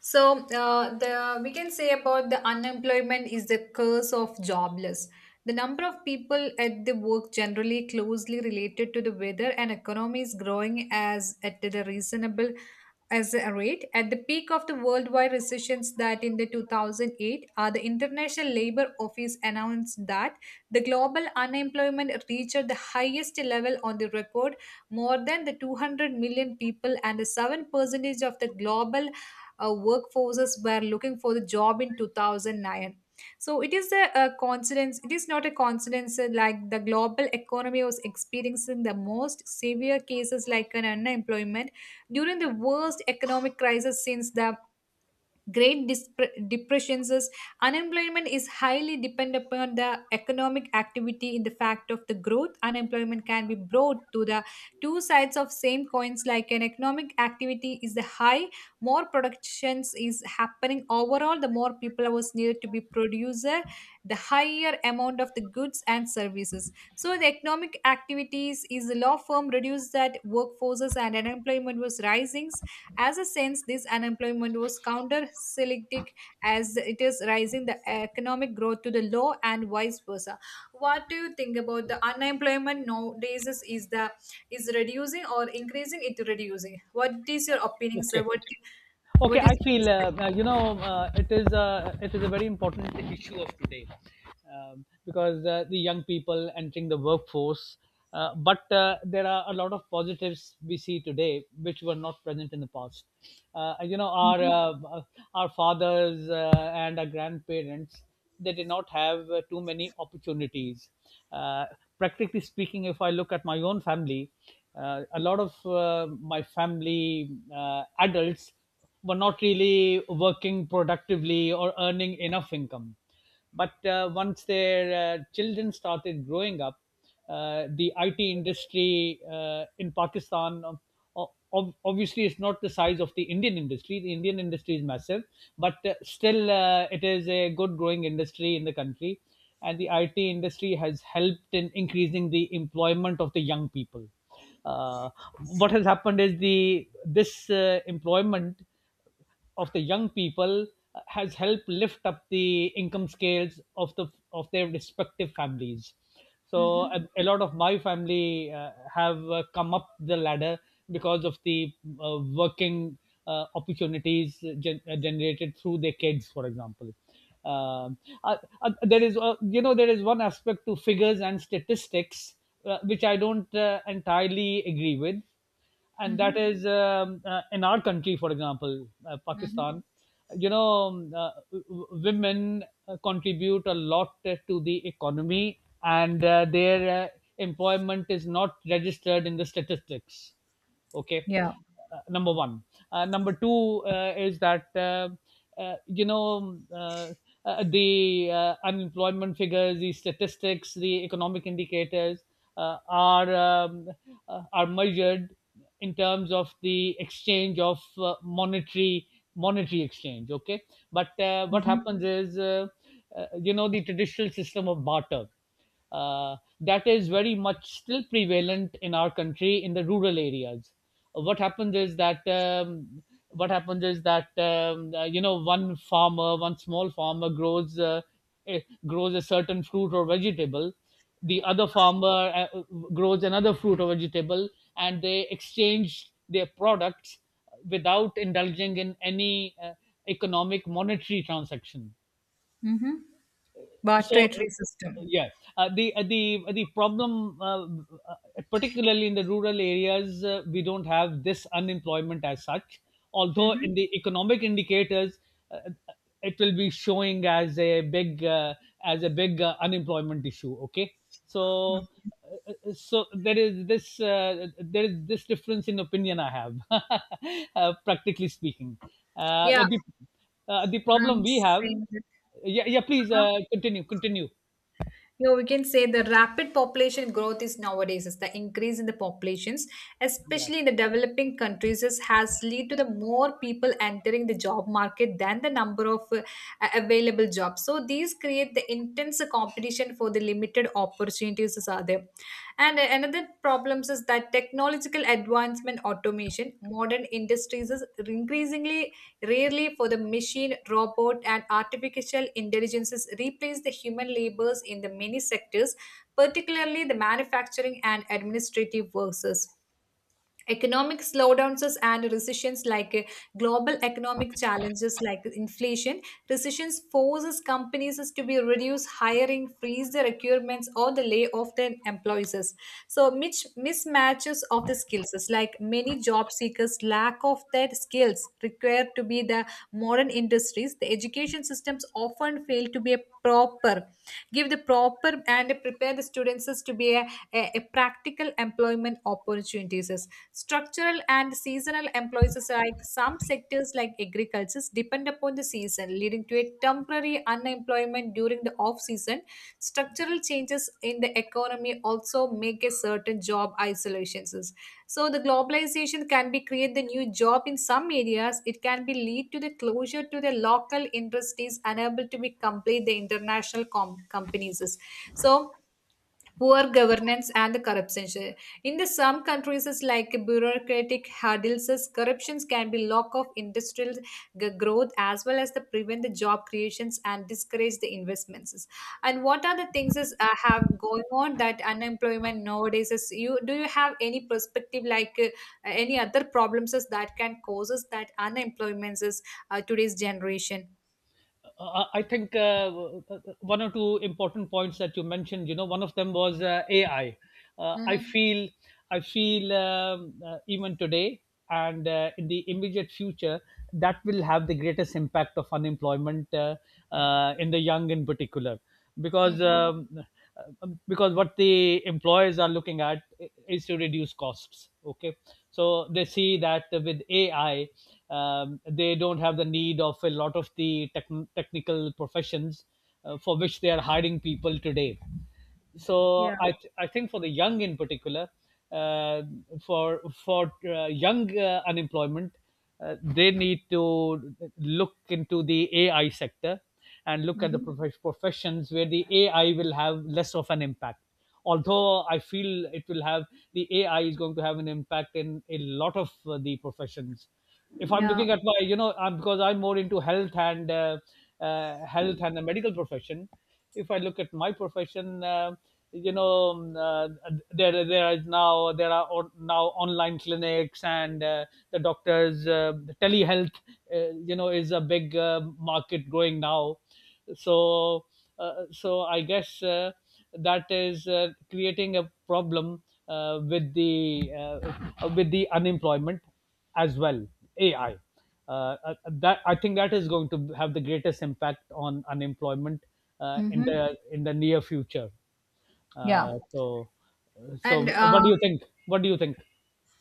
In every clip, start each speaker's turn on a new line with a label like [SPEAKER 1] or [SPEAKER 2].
[SPEAKER 1] So the we can say about the unemployment is the curse of jobless. The number of people at the work generally closely related to the weather and economy is growing as at the reasonable as a rate. At the peak of the worldwide recessions that in the 2008, the International Labor Office announced that the global unemployment reached the highest level on the record, more than the 200 million people and the 7% of the global workforces were looking for the job in 2009, so it is a coincidence, it is not a coincidence, like the global economy was experiencing the most severe cases like an unemployment during the worst economic crisis since the great depressions is unemployment is highly dependent upon the economic activity in the fact of the growth unemployment can be brought to the two sides of same coins like an economic activity is the high, more productions is happening overall the more people was needed to be producer the higher amount of the goods and services, so the economic activities is the law firm reduced that workforces and unemployment was rising. As a sense, this unemployment was countercyclical as it is rising the economic growth to the low and vice versa. What do you think about the unemployment nowadays is the is reducing or increasing it reducing? What is your opinion,
[SPEAKER 2] ok
[SPEAKER 1] sir? What
[SPEAKER 2] Okay,
[SPEAKER 1] what is
[SPEAKER 2] I
[SPEAKER 1] your
[SPEAKER 2] feel
[SPEAKER 1] perspective?
[SPEAKER 2] it is a very important issue of today. Because the young people entering the workforce. But there are a lot of positives we see today which were not present in the past. Uh, you know, our
[SPEAKER 1] Mm-hmm.
[SPEAKER 2] uh, uh, our fathers and our grandparents, they did not have too many opportunities. Uh, Practically speaking, if I look at my own family, a lot of my family adults were not really working productively or earning enough income. But once their children started growing up, the IT industry in Pakistan obviously is not the size of the Indian industry. The Indian industry is massive, but still it is a good growing industry in the country. And the IT industry has helped in increasing the employment of the young people. uh, what has happened is, the this employment of the young people has helped lift up the income scales of their respective families, so
[SPEAKER 1] Mm-hmm.
[SPEAKER 2] a lot of my family have come up the ladder because of the working opportunities generated through their kids, for example. um, uh, there is one aspect to figures and statistics which I don't entirely agree with, and that is, in our country, for example, Pakistan.
[SPEAKER 1] Mm-hmm.
[SPEAKER 2] Women contribute a lot to the economy, and their employment is not registered in the statistics. Okay.
[SPEAKER 1] Yeah.
[SPEAKER 2] Number one. Number two is that, uh, you know uh, the unemployment figures, the statistics, the economic indicators uh, are um, are measured in terms of the exchange of monetary exchange. Okay, but what
[SPEAKER 1] Mm-hmm.
[SPEAKER 2] happens is, the traditional system of barter, that is very much still prevalent in our country in the rural areas. What happens is that what happens is that you know one farmer, one small farmer eh, grows a certain fruit or vegetable. The other farmer grows another fruit or vegetable, and they exchange their products without indulging in any economic monetary transaction.
[SPEAKER 1] Mm-hmm. Barter
[SPEAKER 2] So,
[SPEAKER 1] system.
[SPEAKER 2] yeah, the problem, particularly in the rural areas, we don't have this unemployment as such. Although in
[SPEAKER 1] Mm-hmm.
[SPEAKER 2] the economic indicators, uh, uh, it will be showing as a big unemployment issue. Okay, so. So there is this, there is this difference in opinion I have, practically speaking. Uh,
[SPEAKER 1] Yeah.
[SPEAKER 2] the the problem
[SPEAKER 1] I'm
[SPEAKER 2] we have.
[SPEAKER 1] saying that.
[SPEAKER 2] Yeah, yeah, please,
[SPEAKER 1] Uh-huh.
[SPEAKER 2] continue, continue.
[SPEAKER 1] You know, we can say the rapid population growth is nowadays is the increase in the populations,
[SPEAKER 2] Yeah,
[SPEAKER 1] especially in the developing countries, is, has led to the more people entering the job market than the number of available jobs. So these create the intense competition for the limited opportunities is are there. And another problems is that technological advancement, automation, modern industries is increasingly rarely for the machine, robot, and artificial intelligences replace the human labors in the many sectors, particularly the manufacturing and administrative workers, economic slowdowns and recessions like global economic challenges like inflation recessions forces companies to be reduce hiring freeze the requirements or the lay off their employees, so mismatches of the skills is like many job seekers lack of their skills required to be the modern industries, the education systems often fail to be a proper give the proper and prepare the students to be a practical employment opportunities. Structural and seasonal employees is like some sectors like agriculture depend upon the season, leading to a temporary unemployment during the off season. Structural changes in the economy also make a certain job isolations. So the globalization can be create the new job in some areas. It can be lead to the closure to the local industries unable to be complete the international companies. So poor governance and the corruption. In the some countries, it's like bureaucratic hurdles, as corruptions can be lock of industrial growth as well as the prevent the job creations and discourage the investments. And what are the things is have going on that unemployment nowadays is, you do you have any perspective like any other problems is that can causes that unemployment is today's generation?
[SPEAKER 2] I think one or two important points that you mentioned, one of them was AI. uh, i
[SPEAKER 1] Mm-hmm.
[SPEAKER 2] feel I feel even today, and in the immediate future, that will have the greatest impact of unemployment, in the young in particular, because
[SPEAKER 1] Mm-hmm.
[SPEAKER 2] because what the employers are looking at is to reduce costs. Okay, so they see that with AI, they don't have the need of a lot of the technical professions for which they are hiring people today. So
[SPEAKER 1] Yeah.
[SPEAKER 2] I think, for the young in particular, uh, for young unemployment, they need to look into the AI sector and look at the
[SPEAKER 1] Mm-hmm.
[SPEAKER 2] professions where the AI will have less of an impact. Although I feel it will have the ai is going to have an impact in a lot of the professions. If I'm
[SPEAKER 1] Yeah.
[SPEAKER 2] looking at my, I'm, because I'm more into health and, health and the medical profession. If I look at my profession, you know, um, uh, there is now there are on, now online clinics, and the doctors, telehealth, is a big market growing now. So so I guess that is creating a problem with the unemployment as well. AI. That, I think, that is going to have the greatest impact on unemployment in
[SPEAKER 1] Mm-hmm.
[SPEAKER 2] the near future.
[SPEAKER 1] Yeah.
[SPEAKER 2] Uh, so, so
[SPEAKER 1] And
[SPEAKER 2] what do you think? What do you think?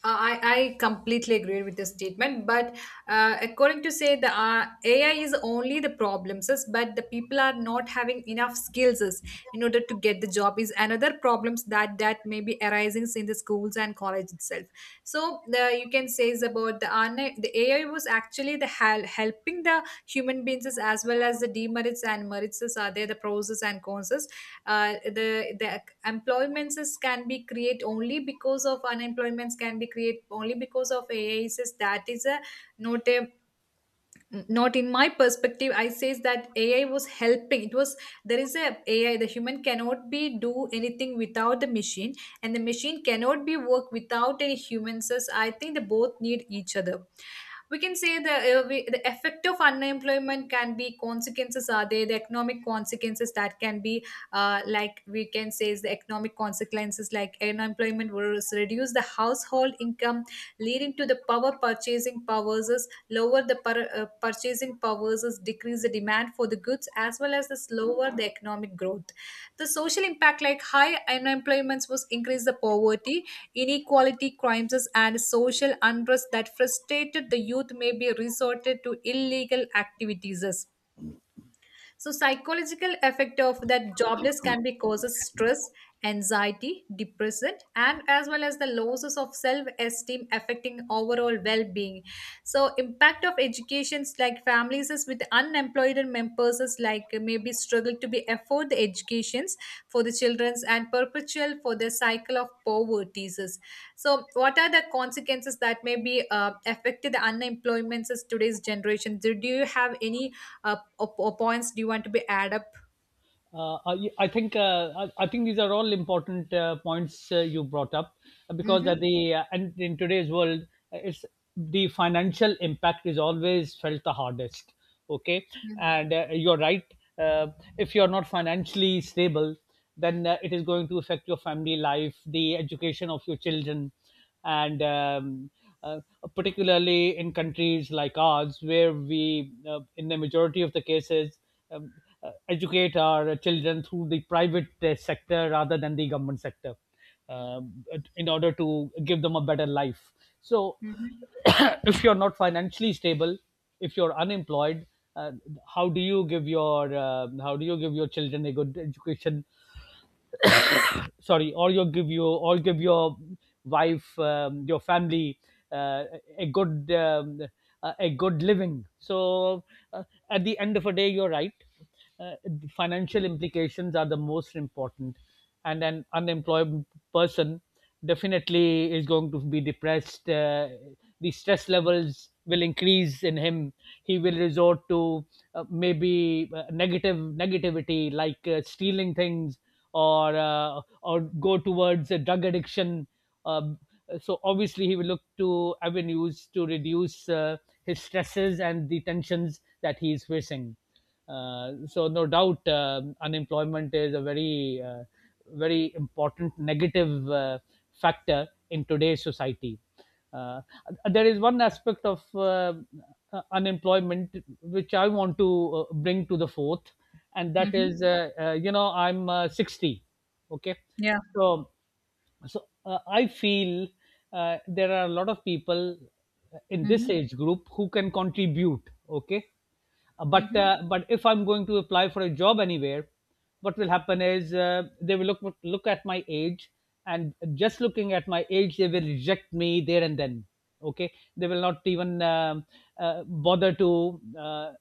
[SPEAKER 1] I completely agree with this statement, but according to say the AI is only the problems, but the people are not having enough skills is in order to get the job is another problems that may be arising in the schools and college itself. So the, you can say is about the the AI was actually the helping the human beings is as well as the demerits and merits is are there, the pros is and cons is. The employments is, can be create only because of unemployments can be create only because of ai says that is a not a, not in my perspective I says that ai was helping it was there is a ai the human cannot be do anything without the machine and the machine cannot be work without any humans so I think they both need each other. We can say the the effect of unemployment can be consequences are there the economic consequences that can be like we can say is the economic consequences like unemployment will reduce the household income leading to the power purchasing powers is lower the purchasing powers is decrease the demand for the goods as well as the slower the economic growth, the social impact like high unemployment was increase the poverty, inequality, crimes, and social unrest that frustrated the youth may be resorted to illegal activities. So psychological effect of that jobless can be causes stress, anxiety, depression, and as well as the losses of self-esteem affecting overall well-being. So impact of educations like families is with unemployed members is like maybe struggle to be afford the educations for the children's and perpetual for the cycle of poverty is. So what are the consequences that may be affected the unemployment is today's generation? Do you have any up or points do you want to be add up.
[SPEAKER 2] I think these are all important points you brought up, because at
[SPEAKER 1] Mm-hmm.
[SPEAKER 2] the and in today's world, it's the financial impact is always felt the hardest. Okay,
[SPEAKER 1] Mm-hmm.
[SPEAKER 2] and you're right. Uh, if you're not financially stable, then it is going to affect your family life, the education of your children, and, uh, particularly in countries like ours, where we, in the majority of the cases, um, educate our children through the private sector rather than the government sector, um, in order to give them a better life. So, if you're not financially stable, if you're unemployed, uh, how do you give your how do you give your children a good education. Sorry, or you give, you or give your wife, your family, uh, a good, a good living. So, uh, at the end of a day, you're right. Uh, financial implications are the most important, and an unemployed person definitely is going to be depressed. The stress levels will increase in him. He will resort to maybe negative negativity, like stealing things, or go towards a drug addiction. Um, so obviously, he will look to avenues to reduce his stresses and the tensions that he is facing. So, no doubt, unemployment is a very, very important negative factor in today's society. Uh, there is one aspect of unemployment which I want to bring to the fourth, and that
[SPEAKER 1] Mm-hmm.
[SPEAKER 2] is, I'm 60. Okay,
[SPEAKER 1] Yeah.
[SPEAKER 2] so so I feel there are a lot of people in this
[SPEAKER 1] Mm-hmm.
[SPEAKER 2] age group who can contribute. Okay, but
[SPEAKER 1] Mm-hmm.
[SPEAKER 2] uh, but if I'm going to apply for a job anywhere, what will happen is, they will look at my age, and just looking at my age, they will reject me there and then. Okay, they will not even bother to. Uh,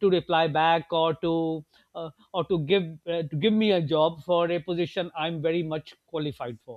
[SPEAKER 2] to reply back, or to give me a job for a position I'm very much qualified for.